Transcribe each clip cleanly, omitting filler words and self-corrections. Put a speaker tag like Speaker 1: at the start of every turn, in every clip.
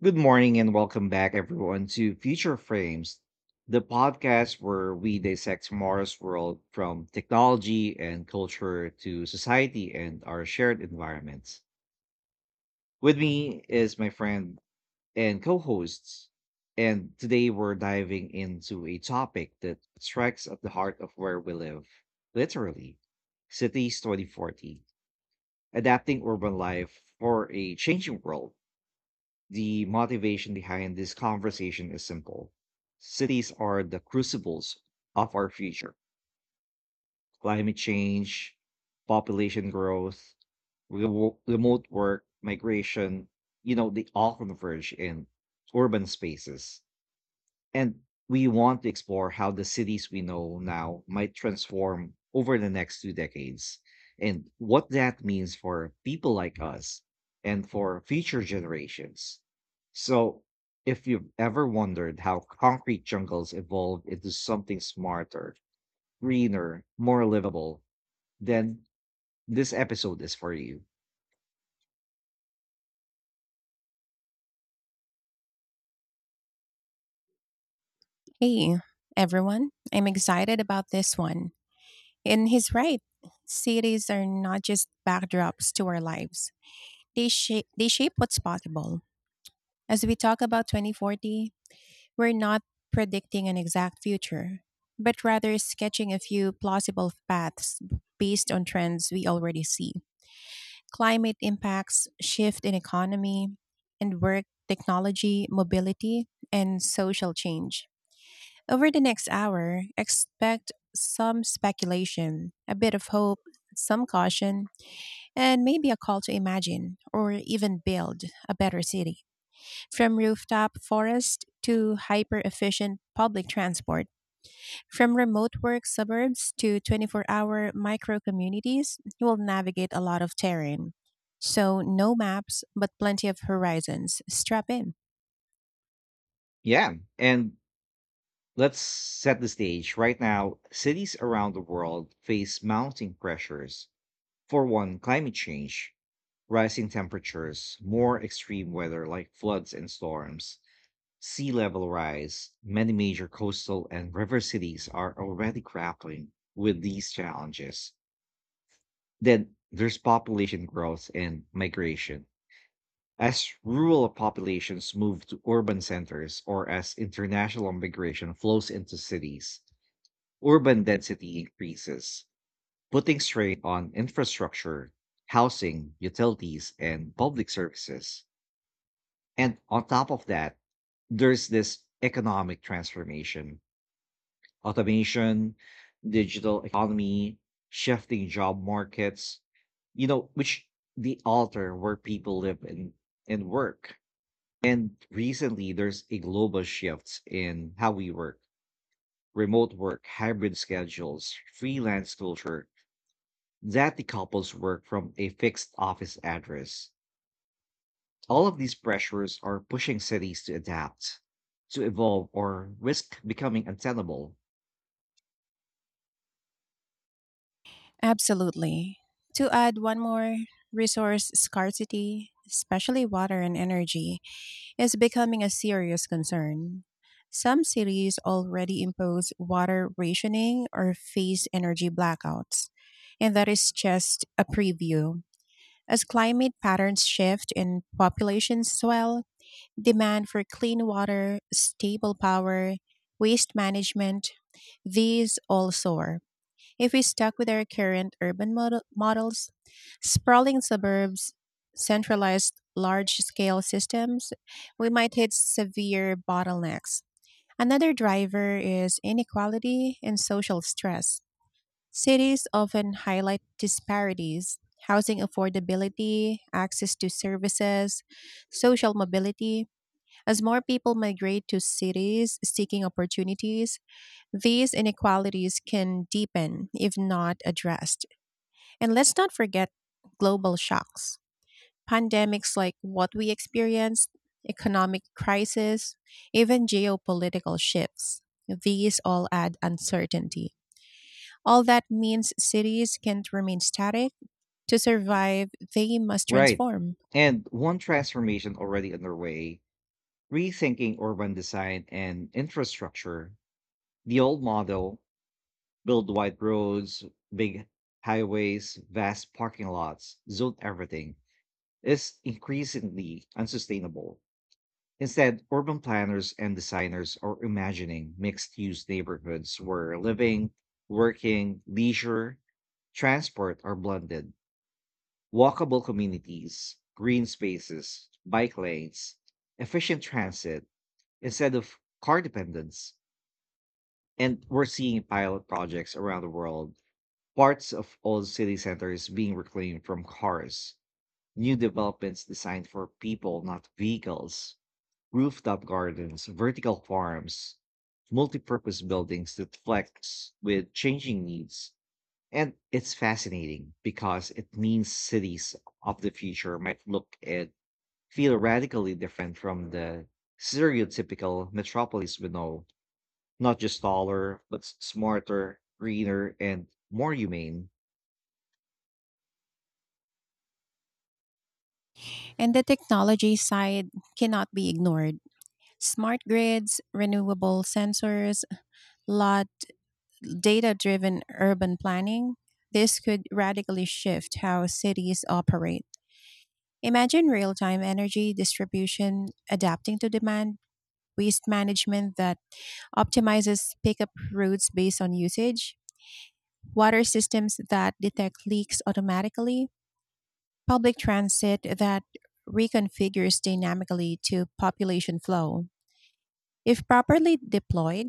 Speaker 1: Good morning and welcome back, everyone, to Future Frames, the podcast where we dissect tomorrow's world from technology and culture to society and our shared environments. With me is my friend and co hosts. And today we're diving into a topic that strikes at the heart of where we live literally, Cities 2040, adapting urban life for a changing world. The motivation behind this conversation is simple. Cities are the crucibles of our future. Climate change, population growth, remote work, migration, they all converge in urban spaces. And we want to explore how the cities we know now might transform over the next two decades and what that means for people like us and for future generations. So, if you've ever wondered how concrete jungles evolved into something smarter, greener, more livable, then this episode is for you.
Speaker 2: Hey, everyone. I'm excited about this one. And he's right. Cities are not just backdrops to our lives, they shape what's possible. As we talk about 2040, we're not predicting an exact future, but rather sketching a few plausible paths based on trends we already see: climate impacts, shift in economy and work, technology, mobility, and social change. Over the next hour, expect some speculation, a bit of hope, some caution, and maybe a call to imagine or even build a better city. From rooftop forest to hyper efficient public transport, from remote work suburbs to 24 hour micro communities, you will navigate a lot of terrain. So, no maps, but plenty of horizons. Strap in.
Speaker 1: Yeah. And let's set the stage. Right now, cities around the world face mounting pressures. For one, climate change, rising temperatures, more extreme weather like floods and storms, sea level rise, many major coastal and river cities are already grappling with these challenges. Then there's population growth and migration. As rural populations move to urban centers or as international migration flows into cities, urban density increases, putting strain on infrastructure, housing, utilities, and public services. And on top of that, there's this economic transformation, automation, digital economy, shifting job markets, which the alter where people live and work. And recently, there's a global shift in how we work, remote work, hybrid schedules, freelance culture, that the couples work from a fixed office address. All of these pressures are pushing cities to adapt, to evolve, or risk becoming untenable.
Speaker 2: Absolutely. To add one more, resource scarcity, especially water and energy, is becoming a serious concern. Some cities already impose water rationing or face energy blackouts. And that is just a preview. As climate patterns shift and populations swell, demand for clean water, stable power, waste management, these all soar. If we stuck with our current urban models, sprawling suburbs, centralized large scale systems, we might hit severe bottlenecks. Another driver is inequality and social stress. Cities often highlight disparities: housing affordability, access to services, social mobility. As more people migrate to cities seeking opportunities, these inequalities can deepen if not addressed. And let's not forget global shocks. Pandemics like what we experienced, economic crisis, even geopolitical shifts. These all add uncertainty. All that means cities can't remain static. To survive, they must
Speaker 1: Right.
Speaker 2: transform.
Speaker 1: And one transformation already underway, rethinking urban design and infrastructure. The old model, build wide roads, big highways, vast parking lots, zone everything, is increasingly unsustainable. Instead, urban planners and designers are imagining mixed use neighborhoods where living, working, leisure, transport are blended, walkable communities, green spaces, bike lanes, efficient transit instead of car dependence. And we're seeing pilot projects around the world. Parts of old city centers being reclaimed from cars, new developments designed for people, not vehicles, rooftop gardens, vertical farms, multi-purpose buildings that flex with changing needs. And it's fascinating because it means cities of the future might look and feel radically different from the stereotypical metropolis we know. Not just taller, but smarter, greener, and more humane.
Speaker 2: And the technology side cannot be ignored. Smart grids, renewable sensors, lot data driven urban planning. This could radically shift how cities operate. Imagine real time energy distribution adapting to demand, waste management that optimizes pickup routes based on usage, water systems that detect leaks automatically, public transit that reconfigures dynamically to population flow. If properly deployed,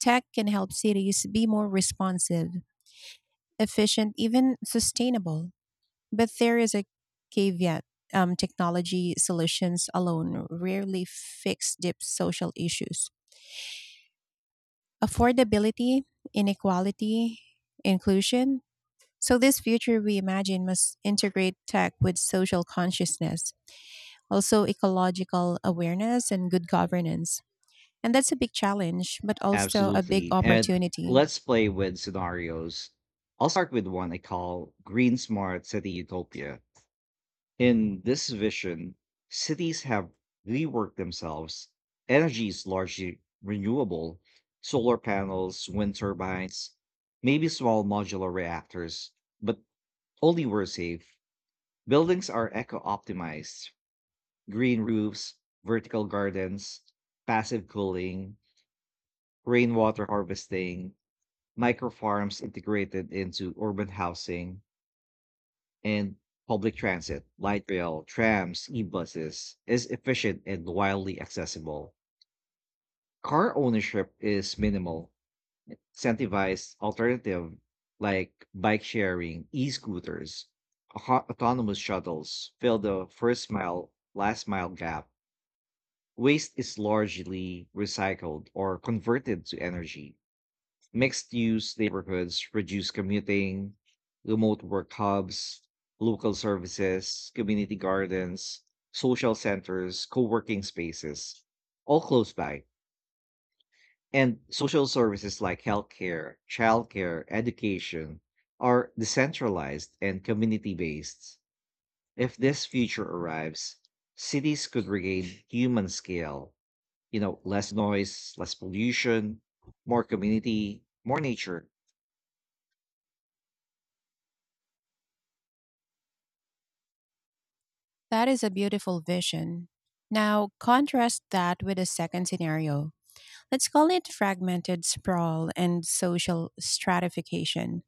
Speaker 2: tech can help cities be more responsive, efficient, even sustainable. But there is a caveat. Technology solutions alone rarely fix deep social issues. Affordability, inequality, inclusion. So, this future we imagine must integrate tech with social consciousness, also ecological awareness and good governance. And that's a big challenge, but also a big
Speaker 1: Absolutely. And
Speaker 2: opportunity.
Speaker 1: let's play with scenarios. I'll start with one I call Green Smart City Utopia. In this vision, cities have reworked themselves. Energy is largely renewable, solar panels, wind turbines, maybe small modular reactors, but only where safe. Buildings are eco optimized, green roofs, vertical gardens, passive cooling, rainwater harvesting, micro farms integrated into urban housing. And public transit, light rail, trams, e-buses, is efficient and widely accessible. Car ownership is minimal. Incentivized alternative like bike sharing, e-scooters, autonomous shuttles fill the first mile, last mile gap. Waste is largely recycled or converted to energy. Mixed use neighborhoods reduce commuting, remote work hubs, local services, community gardens, social centers, co working spaces, all close by. And social services like healthcare, childcare, education are decentralized and community based. If this future arrives, cities could regain human scale, less noise, less pollution, more community, more nature.
Speaker 2: That is a beautiful vision. Now, contrast that with a second scenario. Let's call it fragmented sprawl and social stratification.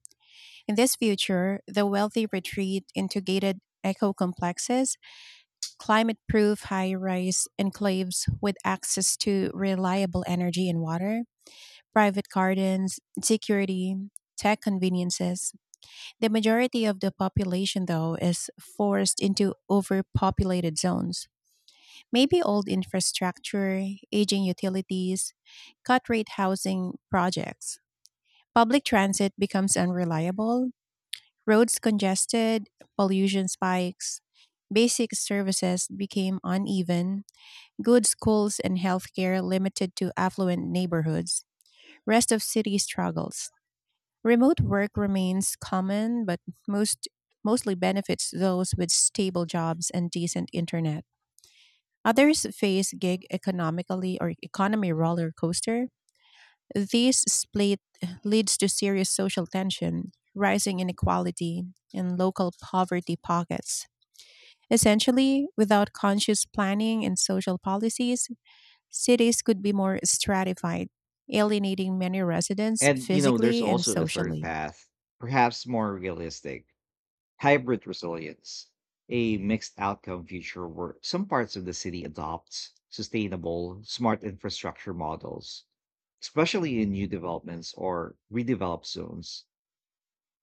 Speaker 2: In this future, the wealthy retreat into gated eco complexes, climate proof high rise enclaves with access to reliable energy and water, private gardens, security, tech conveniences. The majority of the population, though, is forced into overpopulated zones. Maybe old infrastructure, aging utilities, cut rate housing projects. Public transit becomes unreliable, roads congested, pollution spikes, basic services became uneven, good schools and healthcare limited to affluent neighborhoods. Rest of city struggles. Remote work remains common but most mostly benefits those with stable jobs and decent internet. Others face gig economically or economy roller coaster. This split leads to serious social tension, rising inequality, and local poverty pockets. Essentially, without conscious planning and social policies, cities could be more stratified, alienating many residents
Speaker 1: And, there's
Speaker 2: physically and
Speaker 1: also a third
Speaker 2: socially.
Speaker 1: path, perhaps more realistic, hybrid resilience, a mixed outcome future where some parts of the city adopts sustainable, smart infrastructure models, especially in new developments or redeveloped zones.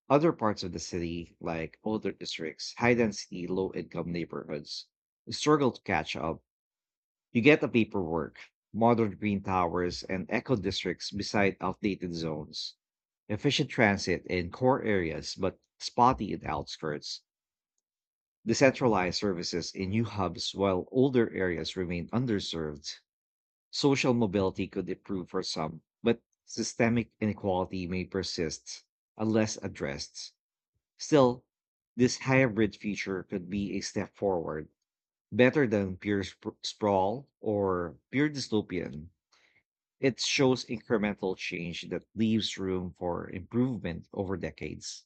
Speaker 1: Other parts of the city, like older districts, high density, low income neighborhoods, struggle to catch up. You get the paperwork, modern green towers, and eco districts beside outdated zones, efficient transit in core areas but spotty in outskirts, decentralized services in new hubs while older areas remain underserved. Social mobility could improve for some, but systemic inequality may persist unless addressed. Still, this hybrid feature could be a step forward, better than pure sprawl or pure dystopian. It shows incremental change that leaves room for improvement over decades.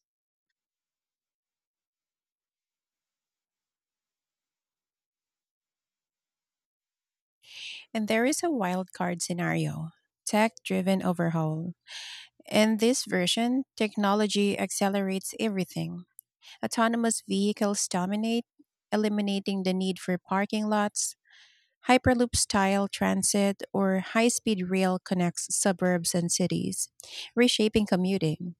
Speaker 2: And there is a wild card scenario: tech driven overhaul. In this version, technology accelerates everything. Autonomous vehicles dominate, eliminating the need for parking lots. Hyperloop style transit or high speed rail connects suburbs and cities, reshaping commuting.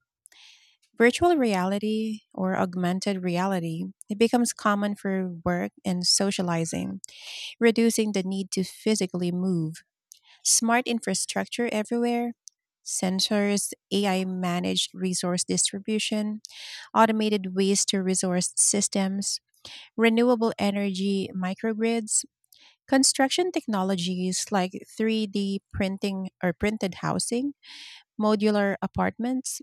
Speaker 2: Virtual reality or augmented reality it becomes common for work and socializing, reducing the need to physically move. Smart infrastructure everywhere, sensors, AI managed resource distribution, automated waste to resource systems, renewable energy microgrids, construction technologies like 3D printing or printed housing, modular apartments,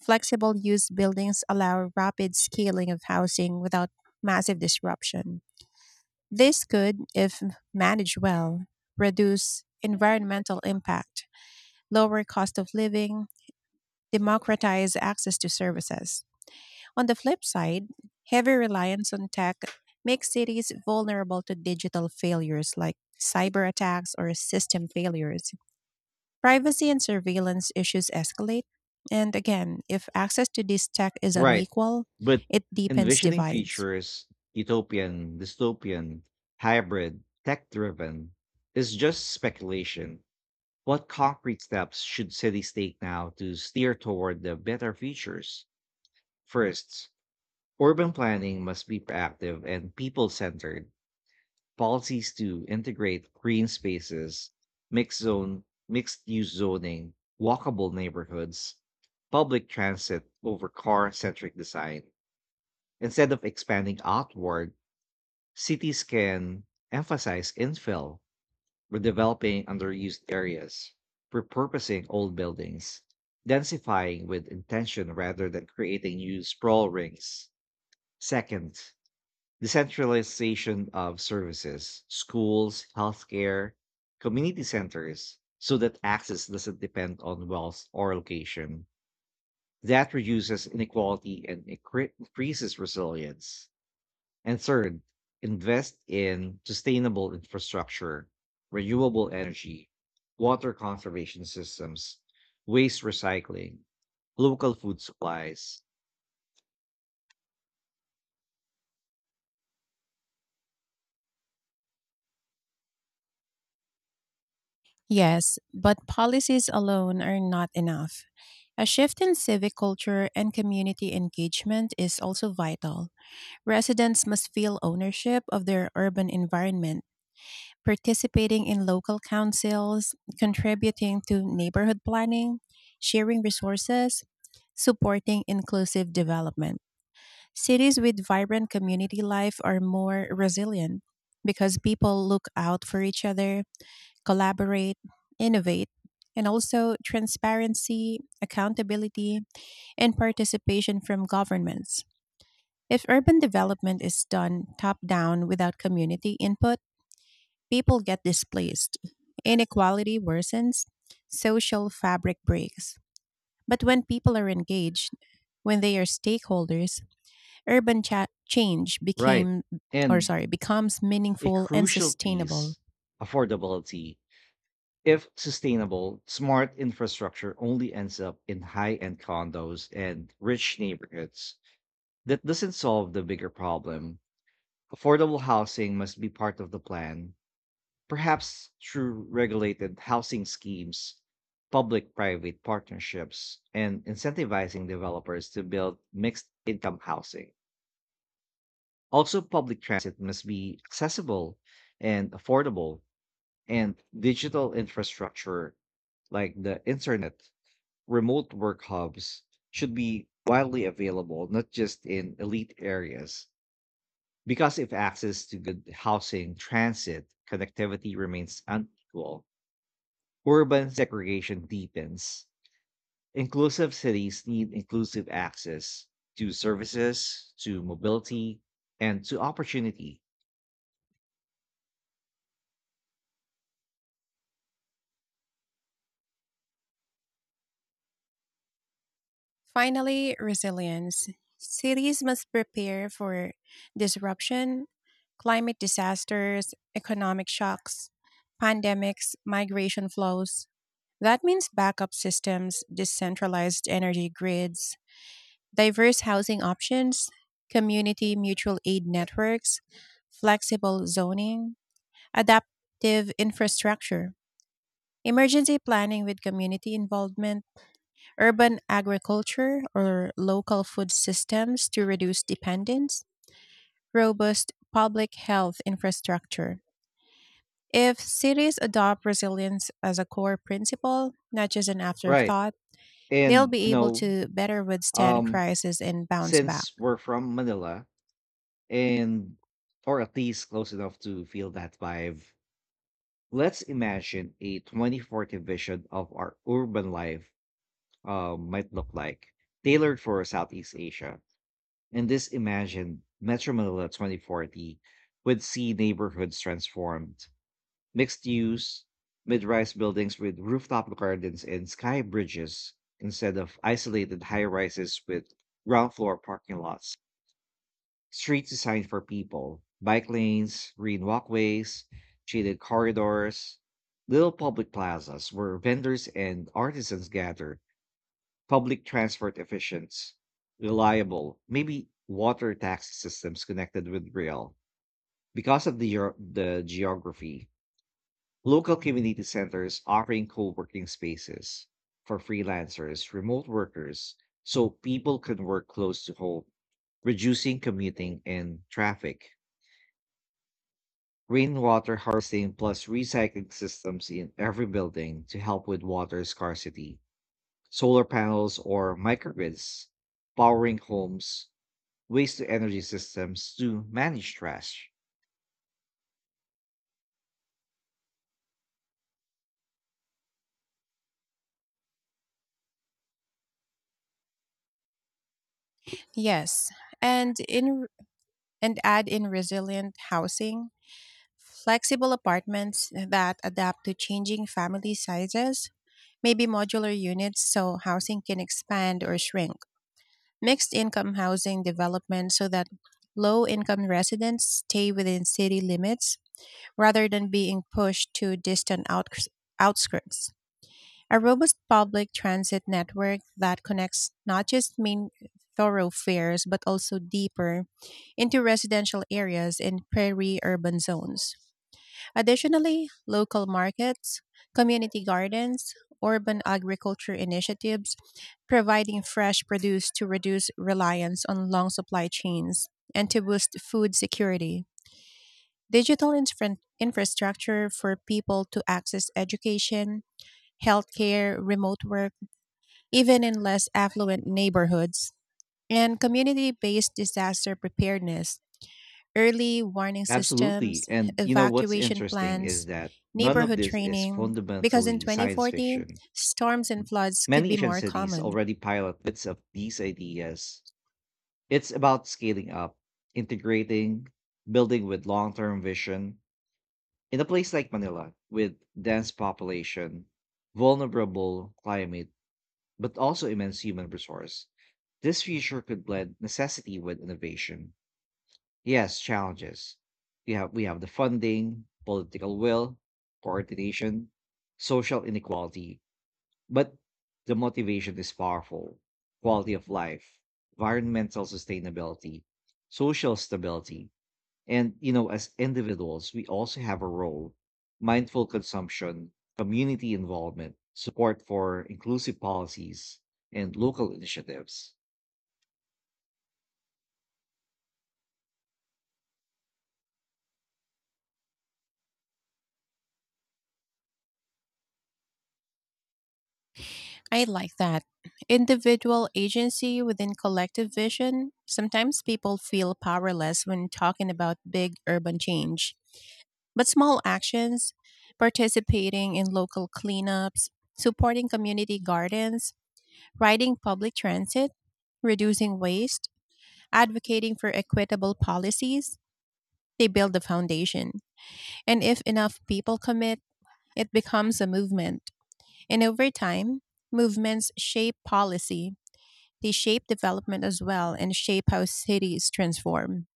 Speaker 2: flexible use buildings allow rapid scaling of housing without massive disruption. This could, if managed well, reduce environmental impact, lower cost of living, democratize access to services. On the flip side, heavy reliance on tech makes cities vulnerable to digital failures like cyber attacks or system failures. Privacy and surveillance issues escalate. And again, if access to this tech is
Speaker 1: Right.
Speaker 2: unequal,
Speaker 1: But
Speaker 2: it deepens
Speaker 1: envisioning
Speaker 2: divides.
Speaker 1: features, utopian, dystopian, hybrid, tech driven, is just speculation. What concrete steps should cities take now to steer toward the better futures? First, urban planning must be proactive and people centered. Policies to integrate green spaces, mixed zone, mixed use zoning, walkable neighborhoods, public transit over car centric design. Instead of expanding outward, cities can emphasize infill, redeveloping underused areas, repurposing old buildings, densifying with intention rather than creating new sprawl rings. Second, decentralization of services, schools, healthcare, community centers, so that access doesn't depend on wealth or location. That reduces inequality and increases resilience. And third, invest in sustainable infrastructure, renewable energy, water conservation systems, waste recycling, local food supplies.
Speaker 2: Yes, but policies alone are not enough. A shift in civic culture and community engagement is also vital. Residents must feel ownership of their urban environment, participating in local councils, contributing to neighborhood planning, sharing resources, supporting inclusive development. Cities with vibrant community life are more resilient because people look out for each other, collaborate, innovate, and also transparency, accountability, and participation from governments. If urban development is done top down without community input, people get displaced, inequality worsens, social fabric breaks. But when people are engaged, when they are stakeholders, urban cha- change
Speaker 1: Right.
Speaker 2: became or
Speaker 1: And
Speaker 2: sorry, becomes
Speaker 1: a
Speaker 2: meaningful and
Speaker 1: crucial
Speaker 2: sustainable.
Speaker 1: piece, affordability. If sustainable, smart infrastructure only ends up in high end condos and rich neighborhoods. That doesn't solve the bigger problem. Affordable housing must be part of the plan. Perhaps through regulated housing schemes, public private partnerships, and incentivizing developers to build mixed income housing. Also, public transit must be accessible and affordable, and digital infrastructure like the internet, remote work hubs should be widely available, not just in elite areas. Because if access to good housing, transit, connectivity remains unequal, urban segregation deepens. Inclusive cities need inclusive access to services, to mobility, and to opportunity.
Speaker 2: Finally, resilience. Cities must prepare for disruption, climate disasters, economic shocks, pandemics, migration flows. That means backup systems, decentralized energy grids, diverse housing options, community mutual aid networks, flexible zoning, adaptive infrastructure, emergency planning with community involvement, urban agriculture or local food systems to reduce dependence, robust public health infrastructure. If cities adopt resilience as a core principle, not just an
Speaker 1: Right.
Speaker 2: afterthought, they'll
Speaker 1: And
Speaker 2: be able to better withstand
Speaker 1: um,
Speaker 2: crisis and bounce back.
Speaker 1: since we're from Manila and or at least close enough to feel that vibe, let's imagine a 2040 vision of our urban life might look like, tailored for Southeast Asia. And this imagined Metro Manila 2040 would see neighborhoods transformed, mixed use, mid rise buildings with rooftop gardens and sky bridges instead of isolated high rises with ground floor parking lots, streets designed for people, bike lanes, green walkways, shaded corridors, little public plazas where vendors and artisans gathered. Public transport efficient, reliable, maybe water taxi systems connected with rail. Because of the the geography, local community centers offering co-working spaces for freelancers, remote workers, so people can work close to home, reducing commuting and traffic. Rainwater harvesting plus recycling systems in every building to help with water scarcity. Solar panels or microgrids powering homes, waste to energy systems to manage trash.
Speaker 2: Yes, and in and add in resilient housing, flexible apartments that adapt to changing family sizes, maybe modular units so housing can expand or shrink. Mixed income housing development so that low income residents stay within city limits rather than being pushed to distant outskirts. A robust public transit network that connects not just main thoroughfares but also deeper into residential areas in prairie urban zones. Additionally, local markets, community gardens, urban agriculture initiatives, providing fresh produce to reduce reliance on long supply chains and to boost food security. Digital infrastructure for people to access education, healthcare, remote work, even in less affluent neighborhoods, and community based disaster preparedness, early warning
Speaker 1: Absolutely.
Speaker 2: systems,
Speaker 1: And you know what's
Speaker 2: evacuation
Speaker 1: interesting is
Speaker 2: plans,
Speaker 1: that none of
Speaker 2: neighborhood
Speaker 1: this is
Speaker 2: training, because in
Speaker 1: fundamentally science
Speaker 2: 2040,
Speaker 1: fiction.
Speaker 2: storms and floods could
Speaker 1: Many
Speaker 2: be
Speaker 1: Asian
Speaker 2: more
Speaker 1: cities
Speaker 2: common.
Speaker 1: already pilot bits of these ideas. It's about scaling up, integrating, building with long term vision. In a place like Manila, with dense population, vulnerable climate, but also immense human resource, this future could blend necessity with innovation. Yes, challenges. We have the funding, political will, coordination, social inequality, but the motivation is powerful. Quality of life, environmental sustainability, social stability, and as individuals, we also have a role. Mindful consumption, community involvement, support for inclusive policies, and local initiatives.
Speaker 2: I like that. Individual agency within collective vision. Sometimes people feel powerless when talking about big urban change. But small actions, participating in local cleanups, supporting community gardens, riding public transit, reducing waste, advocating for equitable policies, they build the foundation. And if enough people commit, it becomes a movement. And over time, movements shape policy, they shape development as well, and shape how cities transform.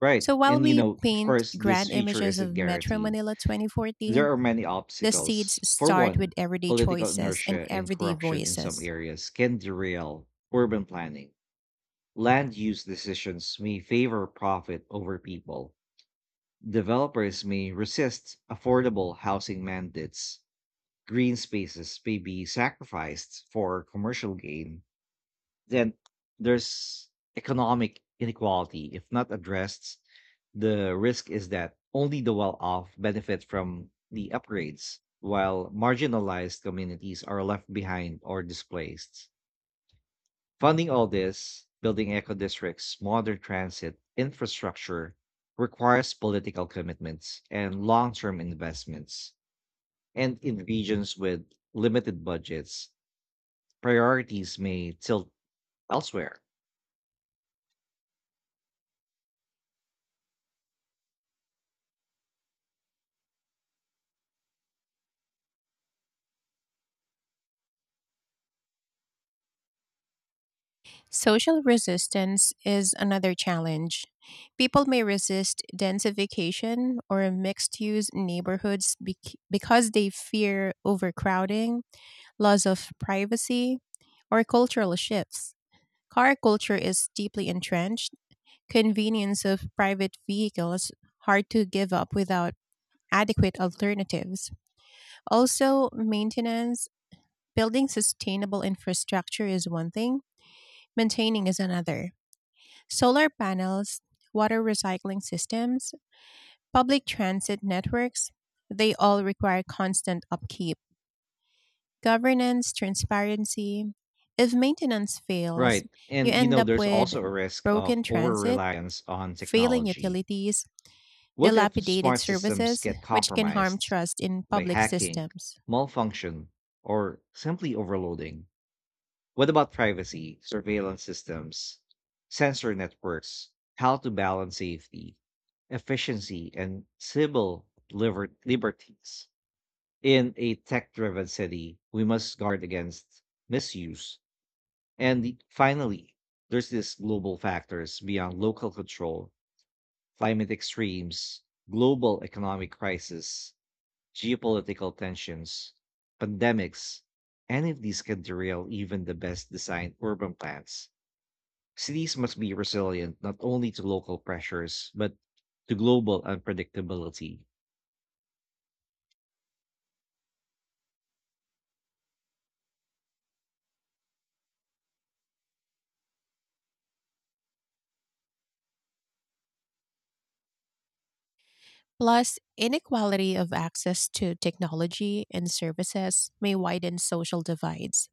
Speaker 1: Right.
Speaker 2: So while
Speaker 1: And
Speaker 2: we
Speaker 1: of
Speaker 2: paint
Speaker 1: course, this
Speaker 2: grand
Speaker 1: feature
Speaker 2: images
Speaker 1: isn't
Speaker 2: of Metro
Speaker 1: guaranteed.
Speaker 2: Manila 2040,
Speaker 1: There are many
Speaker 2: the seeds
Speaker 1: obstacles. For
Speaker 2: start with
Speaker 1: one,
Speaker 2: everyday
Speaker 1: political
Speaker 2: choices and
Speaker 1: inertia and
Speaker 2: everyday
Speaker 1: corruption in some
Speaker 2: voices.
Speaker 1: areas can derail urban planning. Land use decisions may favor profit over people. Developers may resist affordable housing mandates. Green spaces may be sacrificed for commercial gain. Then there's economic inequality. If not addressed, the risk is that only the well off benefit from the upgrades, while marginalized communities are left behind or displaced. Funding all this, building eco districts, modern transit, infrastructure, requires political commitments and long term investments. And in regions with limited budgets, priorities may tilt elsewhere.
Speaker 2: Social resistance is another challenge. People may resist densification or mixed use neighborhoods because they fear overcrowding, loss of privacy, or cultural shifts. Car culture is deeply entrenched. Convenience of private vehicles hard to give up without adequate alternatives. Also, maintenance, building sustainable infrastructure is one thing, maintaining is another. Solar panels, water recycling systems, public transit networks, they all require constant upkeep, governance, transparency. If maintenance fails,
Speaker 1: Right.
Speaker 2: you
Speaker 1: And
Speaker 2: end up
Speaker 1: there's
Speaker 2: with
Speaker 1: also a risk of
Speaker 2: broken
Speaker 1: over
Speaker 2: transit,
Speaker 1: reliance on
Speaker 2: failing
Speaker 1: technology.
Speaker 2: utilities,
Speaker 1: What if
Speaker 2: dilapidated
Speaker 1: smart systems
Speaker 2: services,
Speaker 1: get
Speaker 2: which can harm
Speaker 1: compromised
Speaker 2: trust in
Speaker 1: by
Speaker 2: public
Speaker 1: hacking,
Speaker 2: systems.
Speaker 1: malfunction, or simply overloading? What about privacy, surveillance systems, sensor networks, how to balance safety, efficiency, and civil liberties? In a tech driven city, we must guard against misuse, and finally, there's these global factors beyond local control, climate extremes, global economic crisis, geopolitical tensions, pandemics. Any of these can derail even the best designed urban plans. Cities must be resilient not only to local pressures, but to global unpredictability.
Speaker 2: Plus, inequality of access to technology and services may widen social divides.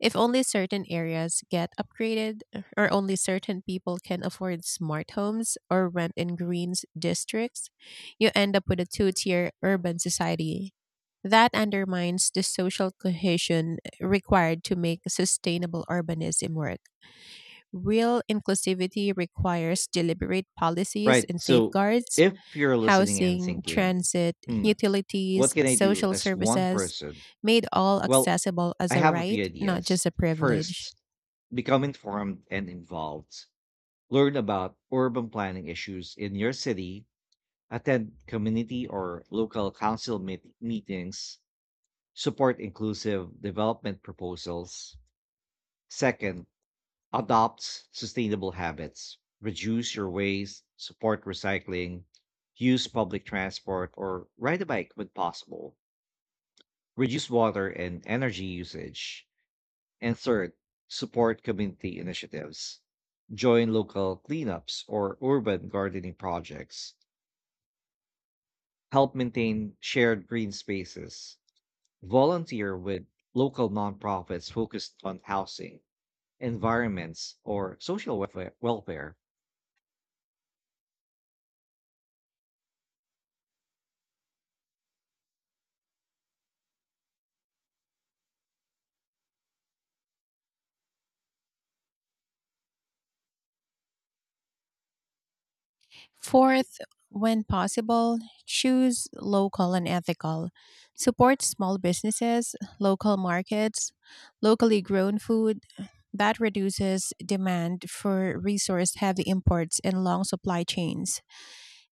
Speaker 2: If only certain areas get upgraded, or only certain people can afford smart homes or rent in green districts, you end up with a two tier urban society. That undermines the social cohesion required to make sustainable urbanism work. Real inclusivity requires deliberate policies
Speaker 1: Right.
Speaker 2: and
Speaker 1: So
Speaker 2: safeguards.
Speaker 1: if you're listening and
Speaker 2: Housing,
Speaker 1: thinking,
Speaker 2: transit,
Speaker 1: hmm, what
Speaker 2: utilities,
Speaker 1: can I do
Speaker 2: social
Speaker 1: as one
Speaker 2: services,
Speaker 1: person?
Speaker 2: made all
Speaker 1: Well,
Speaker 2: accessible as
Speaker 1: I
Speaker 2: a
Speaker 1: have a
Speaker 2: right,
Speaker 1: few
Speaker 2: not
Speaker 1: ideas.
Speaker 2: just a privilege.
Speaker 1: First, become informed and involved. Learn about urban planning issues in your city, attend community or local council meetings, support inclusive development proposals. Second, adopt sustainable habits. Reduce your waste, support recycling, use public transport, or ride a bike when possible. Reduce water and energy usage. And third, support community initiatives. Join local cleanups or urban gardening projects. Help maintain shared green spaces. Volunteer with local nonprofits focused on housing, environments, or social welfare. Welfare.
Speaker 2: Fourth, when possible, choose local and ethical. Support small businesses, local markets, locally grown food. That reduces demand for resource heavy imports and long supply chains.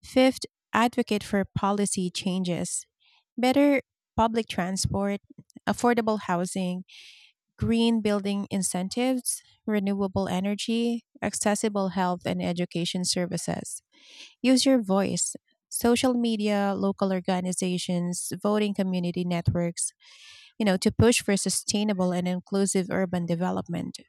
Speaker 2: Fifth, advocate for policy changes. Better public transport, affordable housing, green building incentives, renewable energy, accessible health and education services. Use your voice. Social media, local organizations, voting community networks, you know, to push for sustainable and inclusive urban development.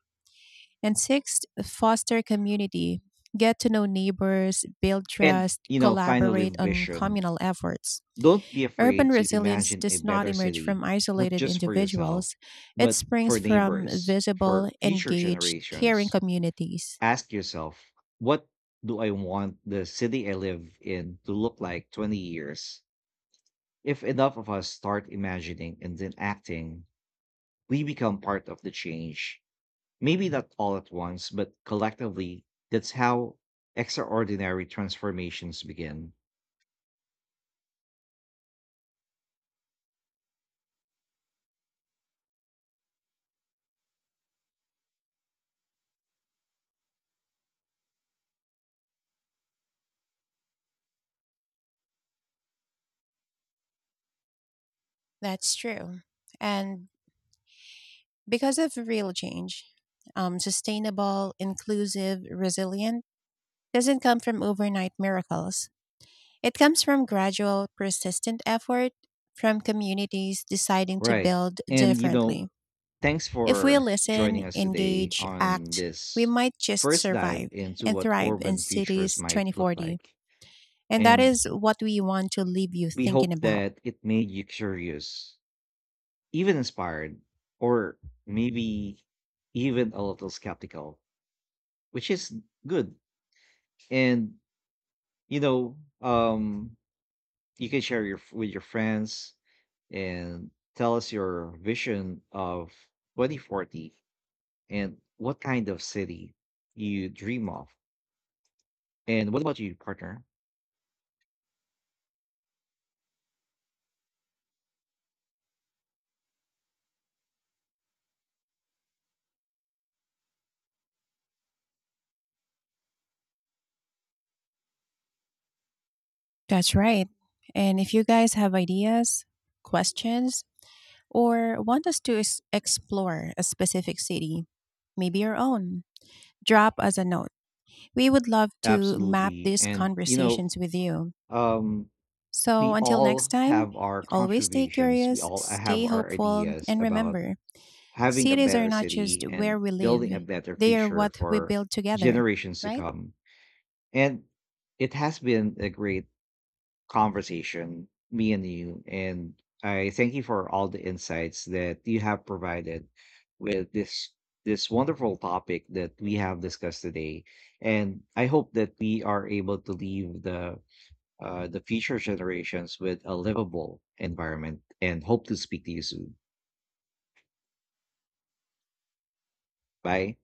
Speaker 2: And sixth, foster community. Get to know neighbors, build
Speaker 1: And,
Speaker 2: trust,
Speaker 1: finally,
Speaker 2: collaborate on
Speaker 1: vision.
Speaker 2: communal efforts.
Speaker 1: Don't be
Speaker 2: Urban
Speaker 1: afraid to
Speaker 2: resilience
Speaker 1: imagine a
Speaker 2: does not
Speaker 1: better
Speaker 2: emerge
Speaker 1: city,
Speaker 2: from
Speaker 1: not
Speaker 2: isolated
Speaker 1: just for yourself,
Speaker 2: individuals, it
Speaker 1: but
Speaker 2: springs
Speaker 1: for
Speaker 2: from
Speaker 1: neighbors, for
Speaker 2: visible,
Speaker 1: future
Speaker 2: engaged, caring
Speaker 1: generations.
Speaker 2: communities.
Speaker 1: Ask yourself, what do I want the city I live in to look like 20 years? If enough of us start imagining and then acting, we become part of the change. Maybe not all at once, but collectively, that's how extraordinary transformations begin.
Speaker 2: That's true. And because of real change, sustainable, inclusive, resilient doesn't come from overnight miracles. It comes from gradual, persistent effort from communities deciding to
Speaker 1: Right.
Speaker 2: build
Speaker 1: And,
Speaker 2: differently.
Speaker 1: thanks
Speaker 2: If we
Speaker 1: for
Speaker 2: listen,
Speaker 1: joining us today
Speaker 2: engage,
Speaker 1: on
Speaker 2: act, we
Speaker 1: this
Speaker 2: might just
Speaker 1: first dive
Speaker 2: survive
Speaker 1: into
Speaker 2: and
Speaker 1: what
Speaker 2: thrive in
Speaker 1: urban futures
Speaker 2: cities
Speaker 1: might look
Speaker 2: 2040.
Speaker 1: like.
Speaker 2: And that
Speaker 1: And
Speaker 2: is what we want to leave you
Speaker 1: we
Speaker 2: thinking
Speaker 1: hope
Speaker 2: about.
Speaker 1: that it made you curious, even inspired, or maybe even a little skeptical, which is good. And you know, um, you can share your with your friends and tell us your vision of 2040 and what kind of city you dream of. And what about you, partner?
Speaker 2: That's right. And if you guys have ideas, questions, or want us to explore a specific city, maybe your own, drop us a note. We would love to map
Speaker 1: Absolutely.
Speaker 2: these
Speaker 1: And
Speaker 2: conversations with you.
Speaker 1: um,
Speaker 2: So
Speaker 1: we
Speaker 2: until
Speaker 1: all
Speaker 2: next time,
Speaker 1: have our
Speaker 2: always stay
Speaker 1: contributions. We
Speaker 2: curious,
Speaker 1: all have
Speaker 2: stay
Speaker 1: our
Speaker 2: hopeful,
Speaker 1: ideas
Speaker 2: and
Speaker 1: about
Speaker 2: remember
Speaker 1: having a
Speaker 2: cities are
Speaker 1: better
Speaker 2: not just
Speaker 1: city
Speaker 2: where
Speaker 1: and
Speaker 2: we live,
Speaker 1: building a better
Speaker 2: they are
Speaker 1: future
Speaker 2: what we
Speaker 1: for
Speaker 2: build together,
Speaker 1: generations to
Speaker 2: right?
Speaker 1: come. And it has been a great conversation, me and you. And I thank you for all the insights that you have provided with this wonderful topic that we have discussed today. And I hope that we are able to leave the future generations with a livable environment and hope to speak to you soon. Bye.